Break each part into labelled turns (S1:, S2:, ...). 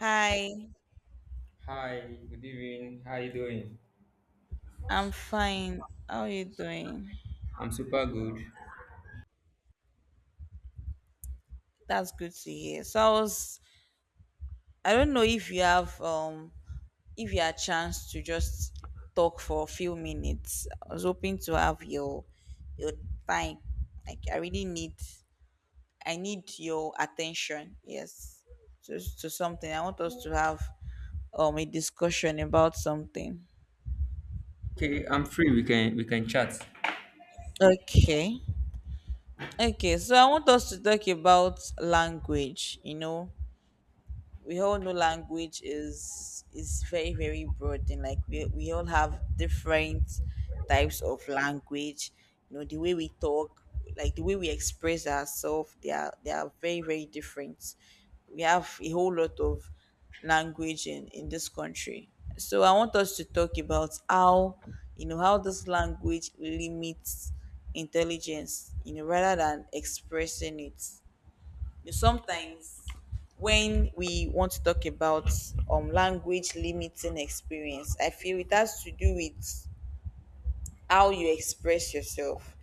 S1: Hi,
S2: Hi, good evening. How you doing?
S1: I'm fine. How are you doing?
S2: I'm super good.
S1: That's good to hear. So I was, I don't know if you have, if you had a chance to just talk for a few minutes. I was hoping to have your time. Like I need your attention. Yes, to something. I want us to have, a discussion about something.
S2: Okay, I'm free. We can chat.
S1: Okay. Okay, so I want us to talk about language, you know, we all know language is very broad, and like we all have different types of language, you know, the way we talk, like the way we express ourselves. They are very different. We have a whole lot of language in this country. So I want us to talk about how, you know, how this language limits intelligence, you know, rather than expressing it. Some things, when we want to talk about language limiting experience, I feel it has to do with how you express yourself.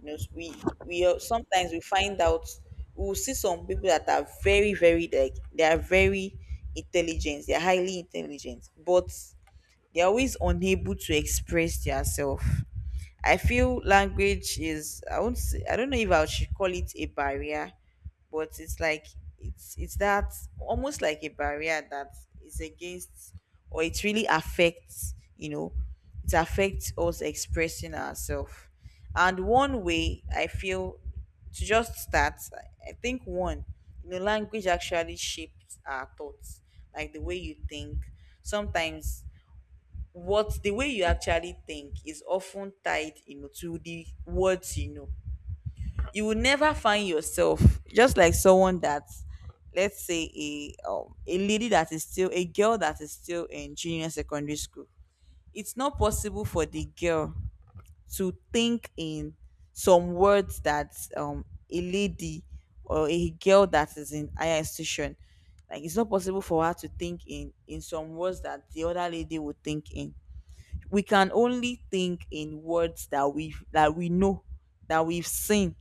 S1: You know, sometimes we find out we will see some people that are very like they are very intelligent, they are highly intelligent, but they're always unable to express themselves. I feel language is, I won't say, I don't know if I should call it a barrier, but it's like it's that, almost like a barrier that is against, or it really affects, you know, it affects us expressing ourselves. And one way I feel, to just start, I think one, you know, language actually shapes our thoughts, like the way you think. Sometimes what the way you actually think is often tied, you know, to the words. You know, you will never find yourself just like someone that, let's say a lady that is still a girl that is still in junior secondary school, it's not possible for the girl to think in some words that a lady or a girl that is in higher institution, like it's not possible for her to think in some words that the other lady would think in. We can only think in words that we know, that we've seen.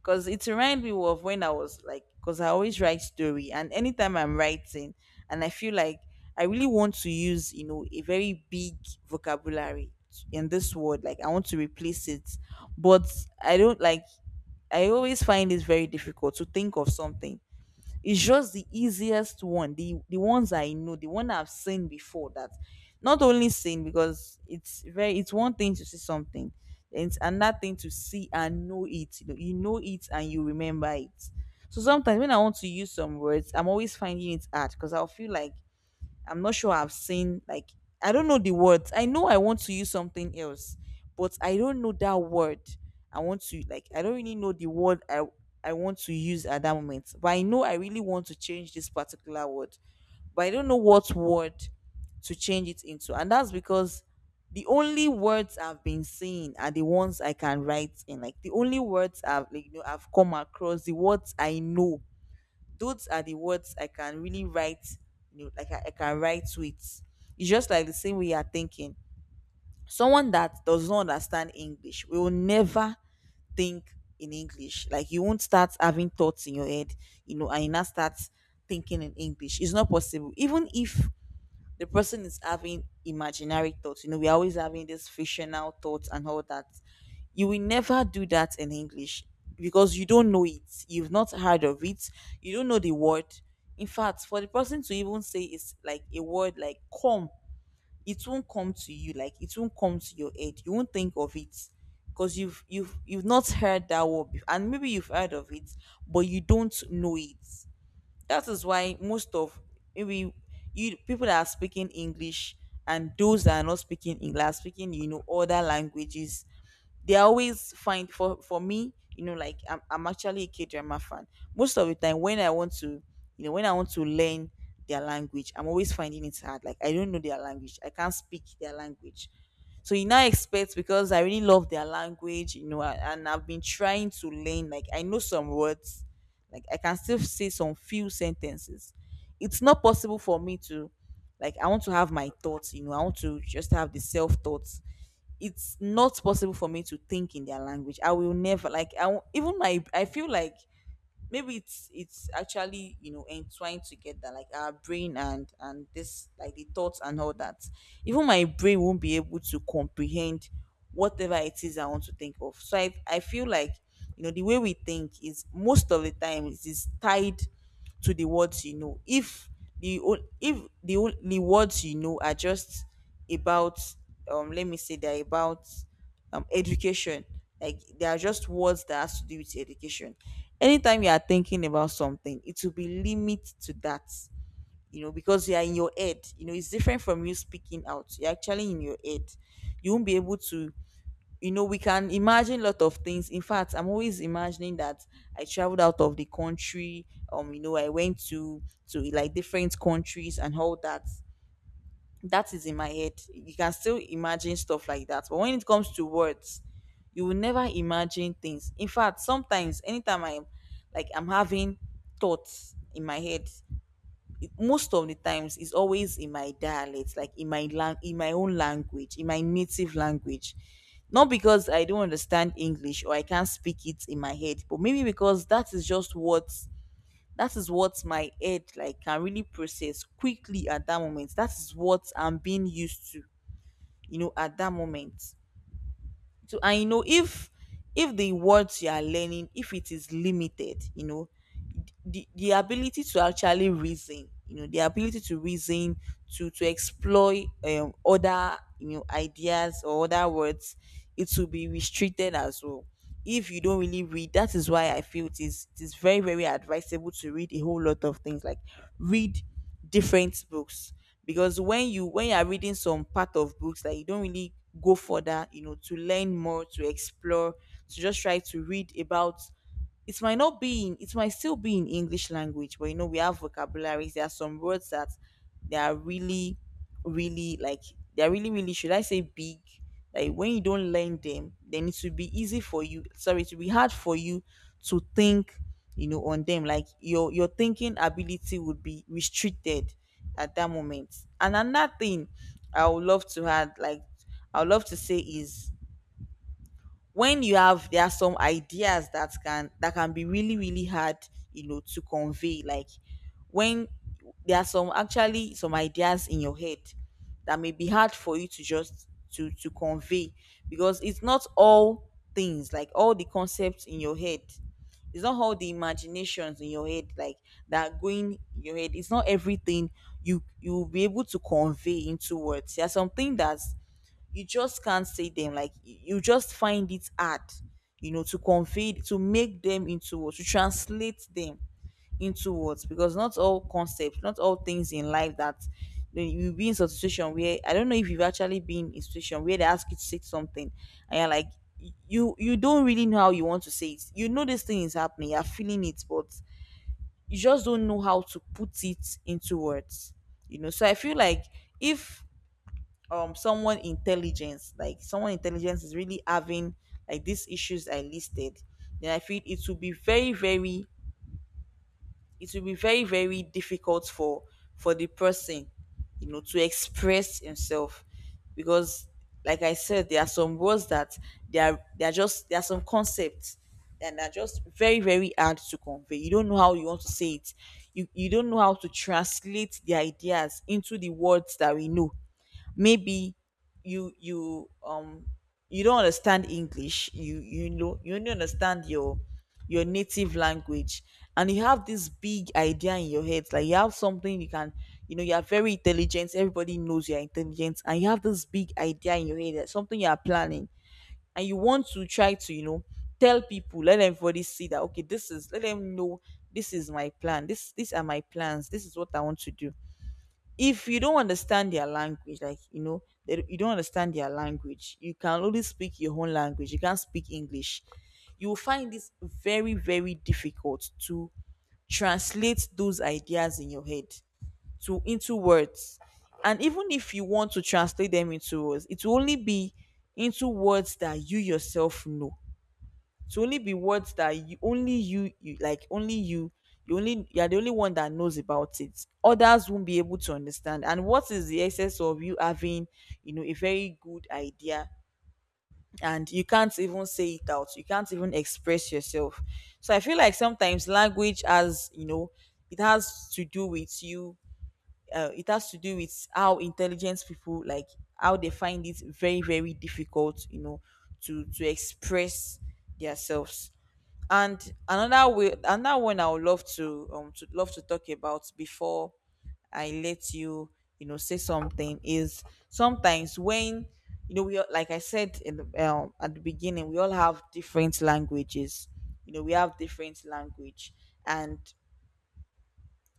S1: Because it reminds me of when I was, like, because I always write story, and anytime I'm writing and I feel like I really want to use, you know, a very big vocabulary in this word, like I want to replace it, but I don't, like, I always find it very difficult to think of something. It's just the easiest one, the ones I know, the one I've seen before. That Not only seen, because it's very, it's one thing to see something, and it's another thing to see and know it. You know it and you remember it. So sometimes when I want to use some words, I'm always finding it hard, because I'll feel like I'm not sure I've seen, like, I don't know the words. I know I want to use something else, but I don't know that word. I want to, like, I don't really know the word I want to use at that moment. But I know I really want to change this particular word, but I don't know what word to change it into. And that's because the only words I've been seeing are the ones I can write in. Like the only words I've, like, you know, I've come across, the words I know, those are the words I can really write, you know, like I can write to it. It's just like the same way you are thinking. Someone that does not understand English will never think in English. Like you won't start having thoughts in your head, you know, and you now start thinking in English. It's not possible. Even if the person is having imaginary thoughts. You know, we're always having these fictional thoughts and all that. You will never do that in English because you don't know it. You've not heard of it. You don't know the word. In fact, for the person to even say, it's like a word like come, it won't come to you. Like it won't come to your head. You won't think of it because you've not heard that word before. And maybe you've heard of it, but you don't know it. That is why most of, maybe, you people that are speaking English, and those that are not speaking English are speaking, you know, other languages, they always find, for me, you know, like I'm actually a k-drama fan. Most of the time when I want to, you know, when I want to learn their language, I'm always finding it hard, like I don't know their language, I can't speak their language. So you now expect, because I really love their language, you know, and I've been trying to learn, like I know some words, like I can still say some few sentences. It's not possible for me to, like I want to have my thoughts, you know, I want to just have the self thoughts. It's not possible for me to think in their language. I will never, like I won't- even my, I feel like maybe it's actually, you know, entwined together, like our brain, and this, like the thoughts and all that, even my brain won't be able to comprehend whatever it is I want to think of. So I feel like, you know, the way we think is most of the time, it is tied to the words. You know, if if the only words you know are just about, let me say they're about, education. Like there are just words that has to do with education. Anytime you are thinking about something, it will be limit to that, you know, because you are in your head. You know, it's different from you speaking out. You're actually in your head. You won't be able to, you know, we can imagine a lot of things. In fact, I'm always imagining that I traveled out of the country. You know, I went to, like, different countries and all that, that is in my head. You can still imagine stuff like that. But when it comes to words, you will never imagine things. In fact, sometimes anytime I'm, like I'm having thoughts in my head, most of the times it's always in my dialect, like in my in my own language, in my native language. Not because I don't understand English or I can't speak it in my head, but maybe because that is just what, that is what my head, like, can really process quickly at that moment, that is what I'm being used to, you know, at that moment. So, and you know, if the words you are learning, if it is limited, you know, the ability to actually reason, you know, the ability to reason, to explore other, you know, ideas or other words, it will be restricted as well. If you don't really read, that is why I feel it is very advisable to read a whole lot of things, like read different books. Because when you are reading some part of books that you don't really go further, you know, to learn more, to explore, to just try to read about, it might not be in, it might still be in English language, but you know, we have vocabularies. There are some words that they are really, really, like they are really, really, should I say, big. Like when you don't learn them, then it will be easy for you, sorry, it will be hard for you to think, you know, on them. Like your thinking ability would be restricted at that moment. And another thing I would love to add, like I would love to say is when you have there are some ideas that can be really really hard, you know, to convey. Like when there are some actually some ideas in your head that may be hard for you to just to convey, because it's not all things, like all the concepts in your head, it's not all the imaginations in your head, like that are going in your head, it's not everything you will be able to convey into words. There's something that's you just can't say them, like you just find it hard, you know, to convey, to make them into words, to translate them into words, because not all concepts, not all things in life that, you know, you'll be in such a situation where I don't know if you've actually been in a situation where they ask you to say something and you're like you don't really know how you want to say it. You know, this thing is happening, you're feeling it, but you just don't know how to put it into words, you know. So I feel like if someone intelligence, like someone intelligence is really having like these issues I listed, then I feel it will be very very difficult for the person, you know, to express himself. Because like I said, there are some words that they are just there are some concepts and are just very very hard to convey. You don't know how you want to say it, you don't know how to translate the ideas into the words that we know. Maybe you you don't understand English, you know, you only understand your native language, and you have this big idea in your head, like you have something you can, you know, you are very intelligent, everybody knows you are intelligent, and you have this big idea in your head, that something you are planning and you want to try to, you know, tell people, let everybody see that, okay, this is, let them know, this is my plan, this these are my plans, this is what I want to do. If you don't understand their language, like you know, you don't understand their language, you can only speak your own language. You can't speak English. You will find this very, very difficult to translate those ideas in your head to into words. And even if you want to translate them into words, it will only be into words that you yourself know, to only be words that you only you, you like only you, you only you're the only one that knows about it. Others won't be able to understand. And what is the essence of you having, you know, a very good idea and you can't even say it out, you can't even express yourself? So I feel like sometimes language has, you know, it has to do with you. It has to do with how intelligent people, like how they find it very very difficult, you know, to express themselves. And another way, another one I would love to talk about before I let you, you know, say something is sometimes when, you know, like I said in the, at the beginning, we all have different languages, you know, we have different language. And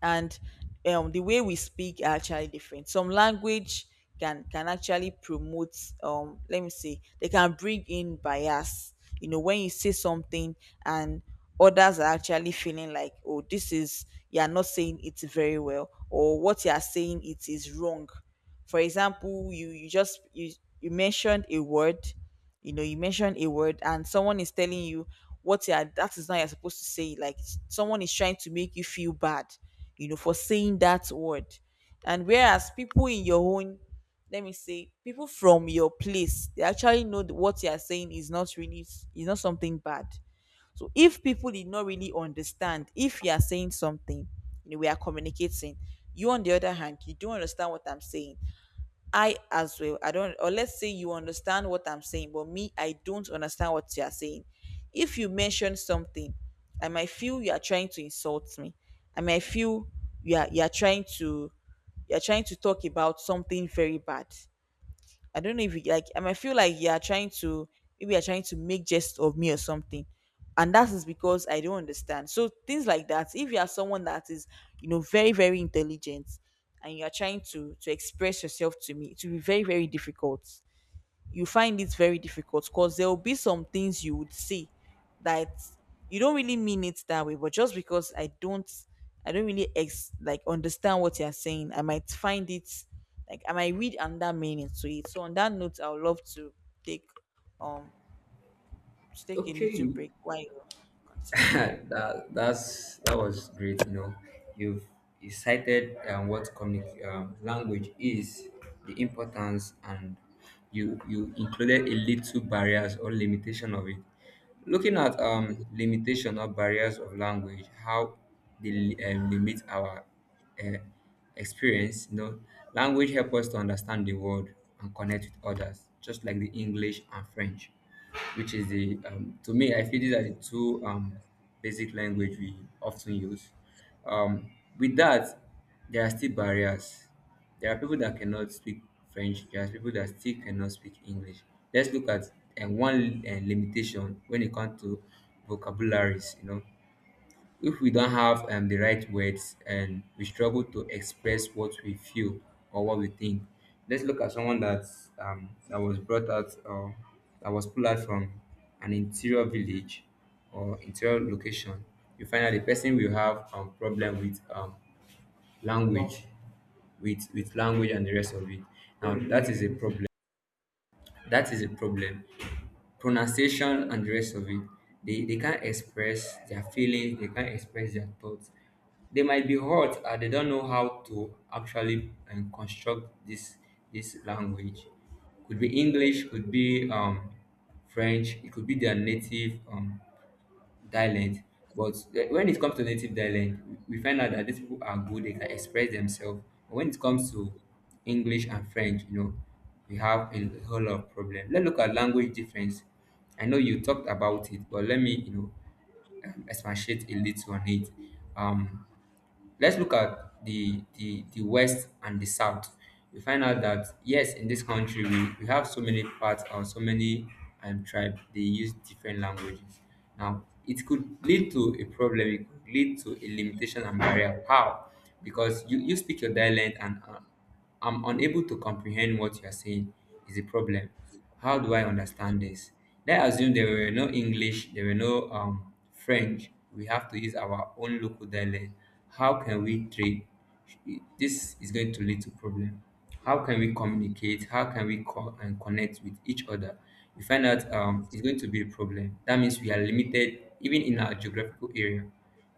S1: and the way we speak are actually different. Some language can actually promote. Let me say they can bring in bias. You know, when you say something and others are actually feeling like, oh, this is, you are not saying it very well, or what you are saying it is wrong. For example, you mentioned a word, you know, you mentioned a word, and someone is telling you what you are, that is not you're supposed to say. Like someone is trying to make you feel bad, you know, for saying that word. And whereas people in your own, let me say people from your place, they actually know that what you are saying is not really, is not something bad. So if people did not really understand, if you are saying something, you know, we are communicating, you on the other hand, you don't understand what I'm saying, I as well. I don't, or let's say you understand what I'm saying, but me, I don't understand what you are saying. If you mention something, I might feel you are trying to insult me. I might feel you are trying to, you are trying to talk about something very bad. I don't know if you like, I might feel like you are trying to, maybe you're trying to make jest of me or something. And that is because I don't understand. So things like that, if you are someone that is, you know, very, very intelligent, and you are trying to express yourself to me, it will be very, very difficult. You find it very difficult, because there will be some things you would say that you don't really mean it that way, but just because I don't really like understand what you're saying, I might find it, like I might read another meaning to it. So on that note, I would love take um to take a little
S2: Okay.
S1: break while you continue.
S2: That was great. You know, you've you cited what language is, the importance, and you included a little barriers or limitation of it. Looking at limitation or barriers of language, how they limit our uh, experience. You know, language help us to understand the world and connect with others, just like the English and French, which is the to me, I feel these are the two basic language we often use. um, with that, there are still barriers. There are people that cannot speak French. There are people that still cannot speak English. Let's look at one limitation. When it comes to vocabularies, you know, if we don't have the right words and we struggle to express what we feel or what we think, let's look at someone that was brought out or that was pulled out from an interior village or interior location. You find that the person will have problem with language, with language and the rest of it. Now that is a problem. That is a problem, pronunciation and the rest of it. They can't express their feelings, they can't express their thoughts. They might be hurt and they don't know how to actually construct this language. Could be English, could be French, it could be their native dialect. But when it comes to native dialect, we find out that these people are good. They can express themselves, but when it comes to English and French, you know, we have a whole lot of problem. Let's look at language difference. I know you talked about it, but let me expatiate a little on it. um Let's look at the West and the South. We find out that yes, in this country, we have so many parts or so many tribe. They use different languages. Now it could lead to a problem, it could lead to a limitation and barrier. How? Because you speak your dialect, and I'm unable to comprehend what you are saying is the problem. How do I understand this? Let's assume there were no English, there were no French. We have to use our own local dialect. How can we trade? This is going to lead to problem. How can we communicate? How can we call and connect with each other? We find out, it's going to be a problem. That means we are limited even in our geographical area.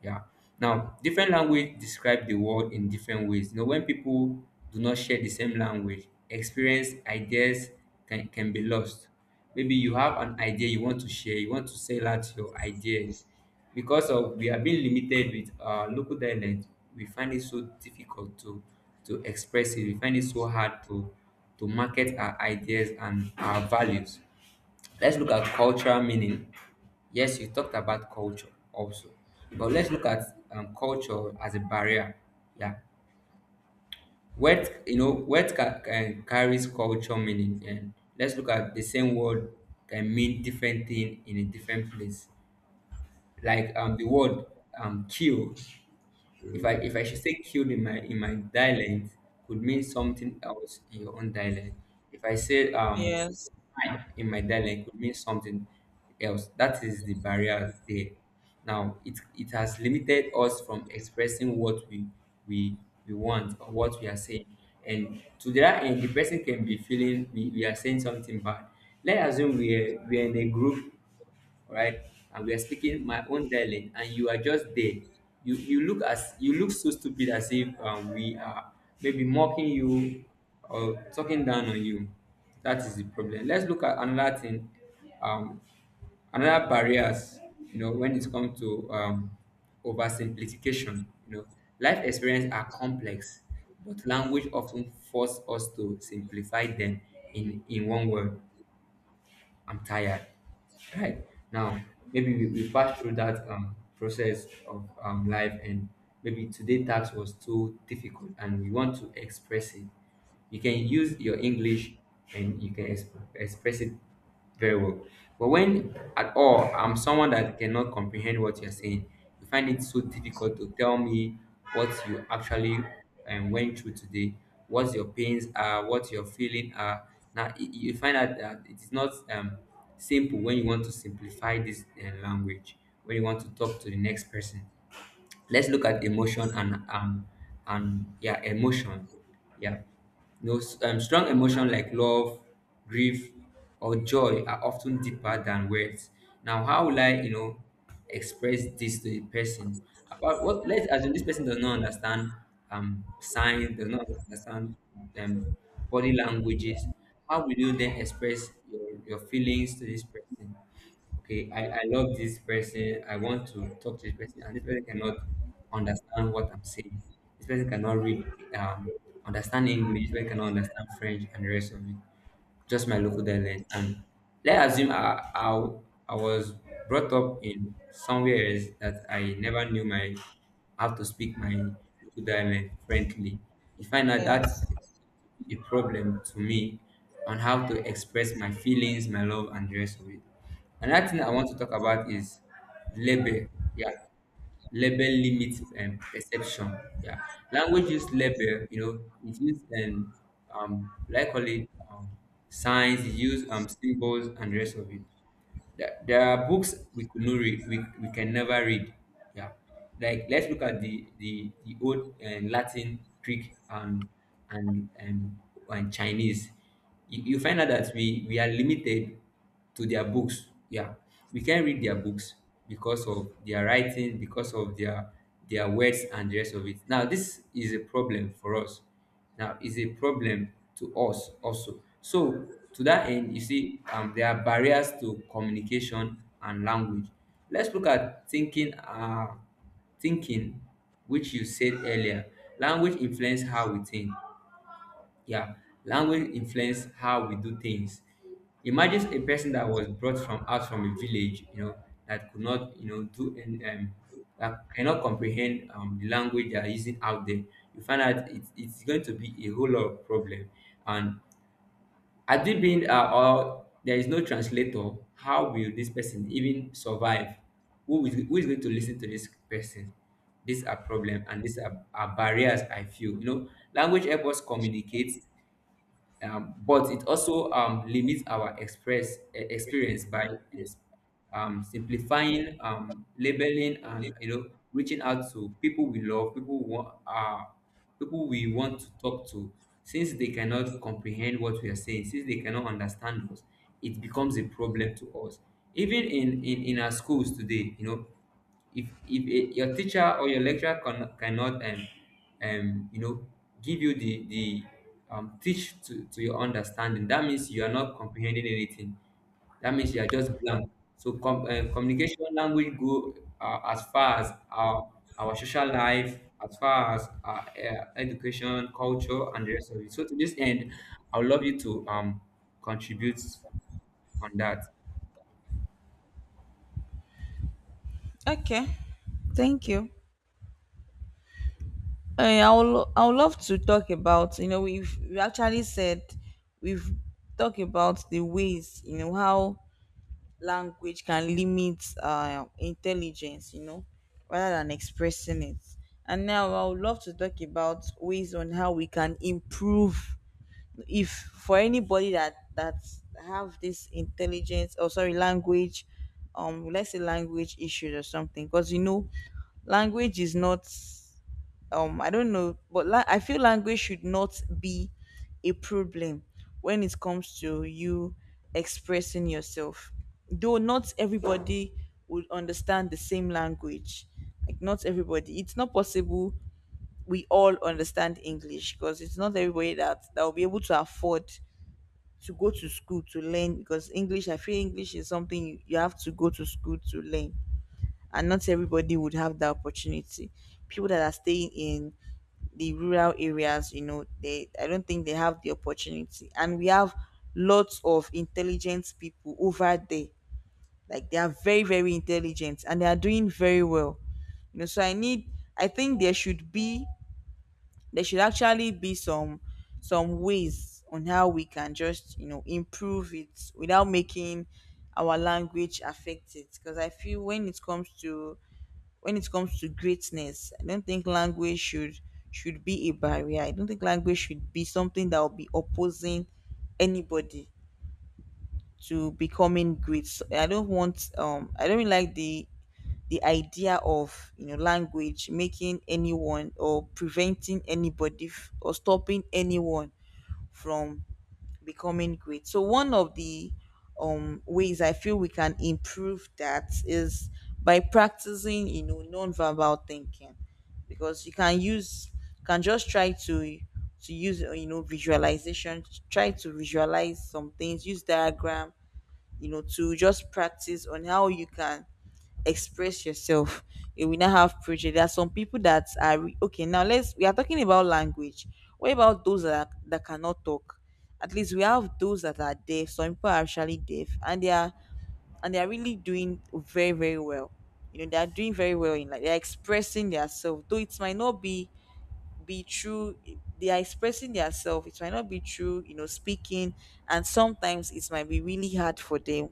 S2: Yeah. Now, different language describe the world in different ways. You know, when people do not share the same language, experience, ideas can be lost. Maybe you have an idea you want to share, you want to sell out your ideas. Because of we are being limited with our local dialect, we find it so difficult to express it. We find it so hard to market our ideas and our values. Let's look at cultural meaning. Yes, you talked about culture also, but let's look at culture as a barrier. Yeah, what can carries culture meaning, and let's look at the same word can mean different thing in a different place. Like the word kill. If I should say killed in my dialect, could mean something else in your own dialect. If I say
S1: Yes,
S2: I in my dialect could mean something else. That is the barrier there. Now it has limited us from expressing what we we want or what we are saying. And to that end, the person can be feeling we are saying something bad. Let's assume we are in a group, all right? And we are speaking my own dialect, and you are just there. You look so stupid as if we are maybe mocking you or talking down on you. That is the problem. Let's look at another thing, um, another barriers. You know, when it comes to oversimplification, you know, life experience are complex, but language often force us to simplify them in one word. I'm tired right now. Maybe we pass through that process of life, and maybe today task was too difficult and we want to express it. You can use your English, and you can express it very well. But when at all, I'm someone that cannot comprehend what you're saying. You find it so difficult to tell me what you actually went through today, what your pains are, what your feeling are. Now you find out that it is not simple when you want to simplify this language, when you want to talk to the next person. Let's look at emotion and yeah, emotion. Yeah. No, strong emotion like love, grief, or joy are often deeper than words. Now, how will I, express this to the person? About what? Let's assume this person does not understand signs, does not understand um body languages. How will you then express your feelings to this person? Okay, I love this person, I want to talk to this person, and this person cannot understand what I'm saying. This person cannot read, um, understand English, this person cannot understand French and the rest of it. Just my local dialect. And let's assume I was brought up in somewhere else that I never knew my how to speak my local dialect friendly. You find out that
S1: yes.
S2: a problem to me on how to express my feelings, my love, and the rest of it. Another thing I want to talk about is label. Yeah, label limits perception. Yeah, language use label. You know, it use like, call it signs, it use symbols, and the rest of it. There are books we could not read, we can never read. Yeah, like, let's look at the old Latin, Greek, and and, and Chinese. You find out that we are limited to their books. Yeah, we can't read their books because of their writing, because of their words and the rest of it. Now this is a problem for us. Now is a problem to us also. So to that end, you see, there are barriers to communication and language. Let's look at thinking, which you said earlier. Language influence how we think. Yeah, language influence how we do things. Imagine a person that was brought from out from a village, that could not, do, and that cannot comprehend the language they are using out there. You find out it's going to be a whole lot of problem. And had it been, or there is no translator, how will this person even survive? Who is going to listen to this person? These are problem, and these are barriers. I feel, language help us communicate, but it also limits our experience by ex- simplifying, labeling, and, reaching out to people we love, people we want to talk to. Since they cannot comprehend what we are saying, since they cannot understand us, it becomes a problem to us. Even in our schools today, you know, if your teacher or your lecturer cannot um you know give you the teach to your understanding, that means you are not comprehending anything. That means you are just blank. So communication, language go as far as our social life, as far as our education, culture and the rest of it. So to this end, I would love you to contribute on that.
S1: Okay. Thank you. I would, I would love to talk about, you know, we've we actually said we've talked about the ways, you know, how language can limit intelligence, you know, rather than expressing it. And now I would love to talk about ways on how we can improve if for anybody that have this intelligence, or sorry, language, let's say language issues or something. Because you know, language is not, I don't know, but I feel language should not be a problem when it comes to you expressing yourself. Though not everybody would understand the same language, like not everybody, it's not possible we all understand English, because it's not everybody that will be able to afford to go to school to learn. Because English, I feel English is something you, you have to go to school to learn, and not everybody would have that opportunity. People that are staying in the rural areas, you know, they, I don't think they have the opportunity. And we have lots of intelligent people over there. Like they are very, very intelligent and they are doing very well. You know, so I need, I think there should be, there should actually be some ways on how we can just, you know, improve it without making our language affect it. Because I feel when it comes to, when it comes to greatness, I don't think language should be a barrier. I don't think language should be something that will be opposing anybody to becoming great. So I don't want, I don't really like the idea of, you know, language making anyone or preventing anybody, or stopping anyone from becoming great. So one of the ways I feel we can improve that is by practicing, you know, non-verbal thinking. Because you can use, can just try to use, you know, visualization, try to visualize some things, use diagram, you know, to just practice on how you can express yourself. You will not have prejudice. There are some people that are okay, now let's, we are talking about language, what about those that cannot talk? At least we have those that are deaf. Some people are actually deaf, and they are really doing very very well. You know, they are doing very well in, like they are expressing themselves, though it might not be true. They are expressing themselves, it might not be true, you know, speaking. And sometimes it might be really hard for them,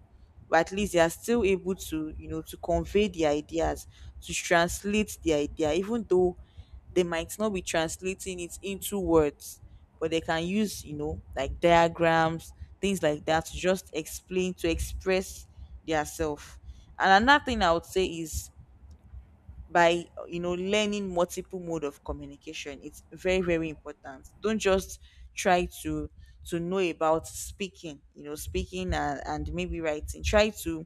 S1: but at least they are still able to, you know, to convey the ideas, to translate the idea, even though they might not be translating it into words. But they can use, you know, like diagrams, things like that, to just explain, to express themselves. And another thing I would say is by, you know, learning multiple mode of communication. It's very very important. Don't just try to know about speaking, you know, speaking and maybe writing. Try to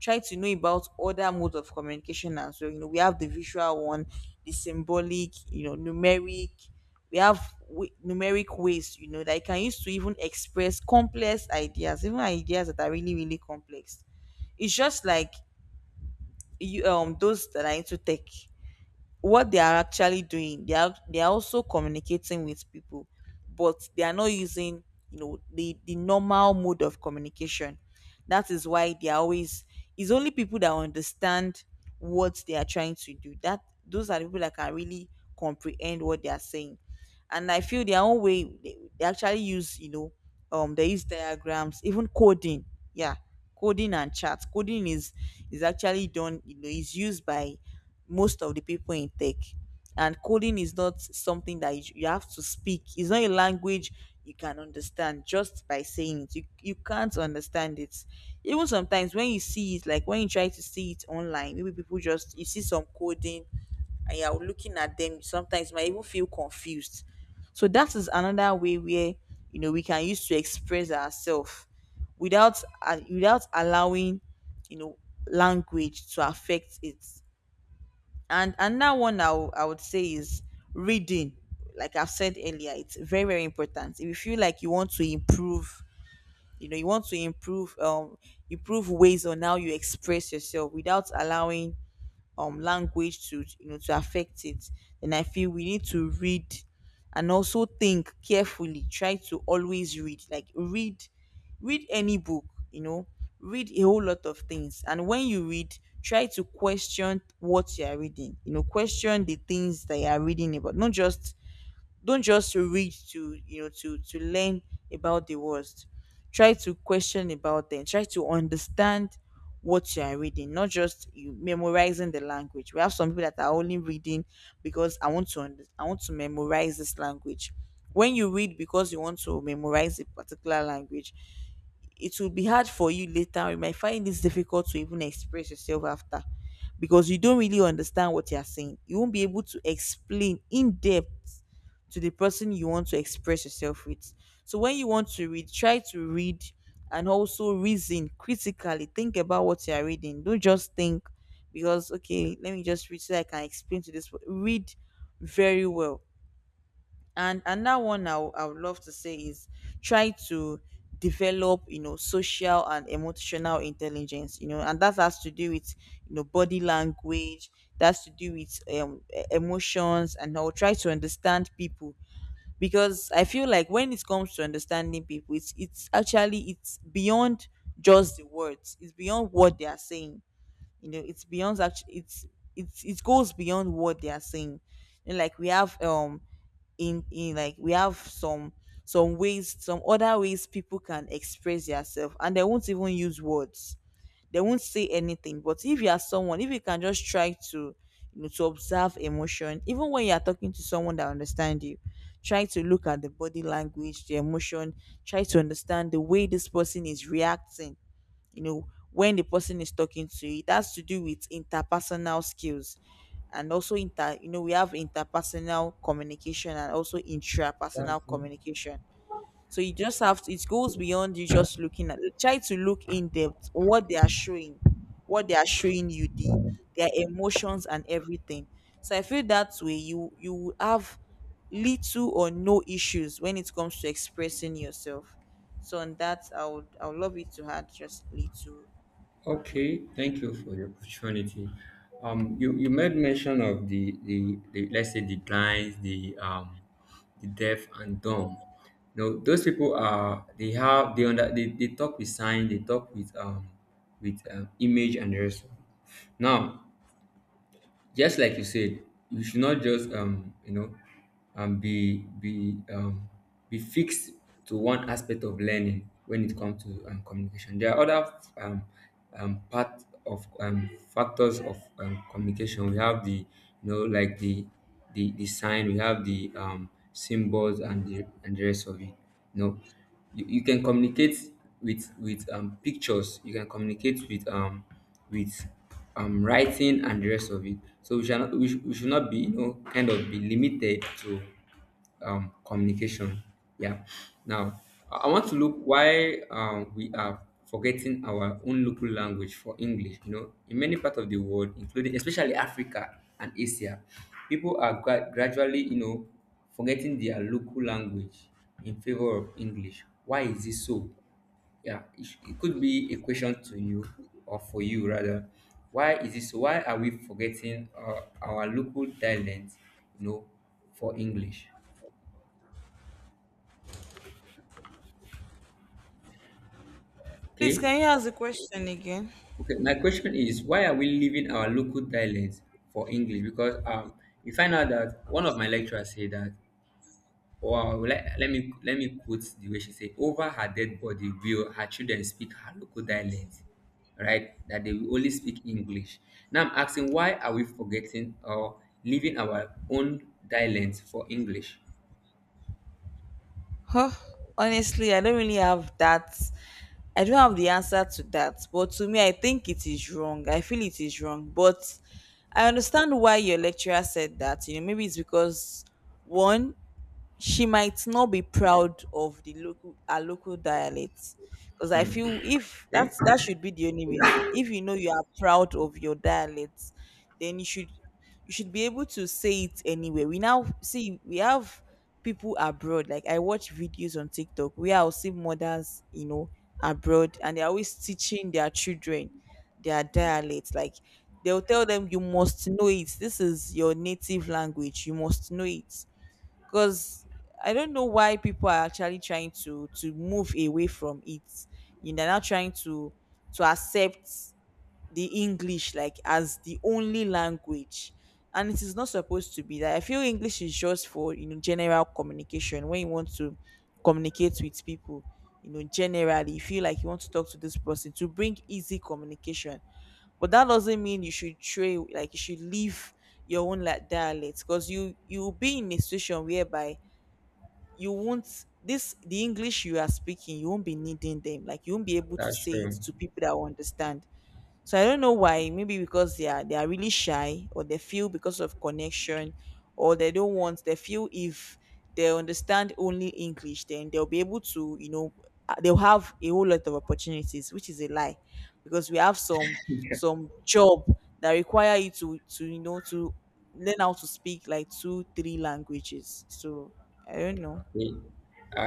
S1: know about other modes of communication as well. You know, we have the visual one, the symbolic, you know, numeric. We have numeric ways, you know, that you can use to even express complex ideas, even ideas that are really really complex. It's just like you, those that are into tech, what they are actually doing, they are also communicating with people, but they are not using, you know, the normal mode of communication. That is why they are always, it's only people that understand what they are trying to do, that those are the people that can really comprehend what they are saying. And I feel their own way, they actually use, you know, they use diagrams, even coding. Yeah, coding. And chat coding is actually done, you know, is used by most of the people in tech. And coding is not something that you have to speak. It's not a language you can understand just by saying it. You can't understand it. Even sometimes when you see it, like when you try to see it online, maybe people just, you see some coding and you're looking at them, sometimes you might even feel confused. So that is another way where, we can use to express ourselves without, without allowing, you know, language to affect it, and another one I would say is reading. Like I've said earlier, it's very important. If you feel like you want to improve, you want to improve, improve ways on how you express yourself without allowing language to to affect it, then I feel we need to read and also think carefully. Try to always read, like read any book, you know read a whole lot of things. And when you read, try to question what you are reading, question the things that you are reading about. Not just, don't just read to, to learn about the words. Try to question about them, try to understand what you are reading, not just you memorizing the language. We have some people that are only reading because I want to I want to memorize this language. When you read because you want to memorize a particular language, it will be hard for you later. You might find it's difficult to even express yourself after, because you don't really understand what you're saying. You won't be able to explain in depth to the person you want to express yourself with. So when you want to read, try to read and also reason critically. Think about what you are reading. Don't just think, because okay, let me just read so I can explain to this. Read very well. And another one I would love to say is try to develop, social and emotional intelligence, and that has to do with, body language. That's to do with emotions, and I'll try to understand people. Because I feel like, when it comes to understanding people, it's actually, it's beyond just the words. It's beyond what they are saying. It's beyond, actually, it's it goes beyond what they are saying. And like we have, in like we have some ways, some other ways people can express themselves, and they won't even use words. They won't say anything. But if you are someone, if you can just try to, to observe emotion. Even when you are talking to someone that understand you, try to look at the body language, the emotion. Try to understand the way this person is reacting, you know when the person is talking to you. It has to do with interpersonal skills, and also inter we have interpersonal communication and also
S2: That's
S1: intrapersonal
S2: it.
S1: communication. So you just have to, it goes beyond you just looking at. Try to look in depth what they are showing, what they are showing you, the their emotions and everything. So I feel that way you will have little or no issues when it comes to expressing yourself. So on that, I would love you to add just little.
S2: Okay, thank you for the opportunity. You made mention of the let's say the blinds, the deaf and dumb. No, those people are they have they under they talk with sign, they talk with image and the rest of it. Now, just like you said, you should not just um be be um be fixed to one aspect of learning when it comes to communication. There are other um part of factors of communication. We have the you know like the sign. We have the symbols and the rest of it. You know, you can communicate with pictures. You can communicate with writing and the rest of it. So we should not be kind of be limited to communication. Yeah. Now I want to look why we are forgetting our own local language for English. You know, in many parts of the world, including especially Africa and Asia, people are gradually forgetting their local language in favor of English. Why is this so? Yeah, it could be a question to you, or for you rather. Why is this? Why are we forgetting, our local dialect, you know, for English?
S1: Please,
S2: Okay.
S1: can you ask the question again?
S2: Okay, my question is, why are we leaving our local dialect for English? Because you find out that one of my lecturers said that. Wow, let me quote the way she said, over her dead body will her children speak her local dialect, right? That they will only speak English. Now I'm asking, why are we forgetting or leaving our own dialect for English?
S1: Huh. Honestly, I don't really have that. I don't have the answer to that. But to me, I think it is wrong. I feel it is wrong. But I understand why your lecturer said that. You know, maybe it's because, one, she might not be proud of the local, our local dialect. Because I feel, if
S2: Okay.
S1: that's, that should be the only reason. If you know you are proud of your dialect, then you should, you should be able to say it anywhere. We now see, we have people abroad, like I watch videos on TikTok where I'll see mothers, abroad, and they're always teaching their children their dialect. Like, they'll tell them you must know it, this is your native language, you must know it. Because I don't know why people are actually trying to move away from it. You know, they're not trying to accept the English, like, as the only language. And it is not supposed to be that. I feel English is just for, general communication, when you want to communicate with people. You know, generally, you feel like you want to talk to this person to bring easy communication, but that doesn't mean you should trade, like, you should leave your own, like, dialect. Because you will be in a situation whereby you won't, this, the English you are speaking, you won't be needing them, like, you won't be able to
S2: that's
S1: say it
S2: true.
S1: to people that will understand. So I don't know why. Maybe because they are, they are really shy, or they feel because of connection, or they don't want. They feel if they understand only English, then they'll be able to, they'll have a whole lot of opportunities, which is a lie. Because we have some job that require you to learn how to speak like two three languages. So I don't know.
S2: I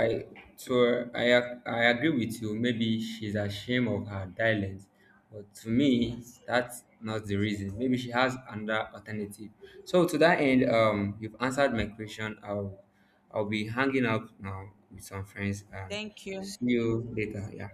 S2: I- so I agree with you. Maybe she's ashamed of her dialect, but to me,
S1: Yes.
S2: that's not the reason. Maybe she has another alternative. So to that end, you've answered my question. I'll be hanging out now with some friends and
S1: Thank you.
S2: see you later. Yeah.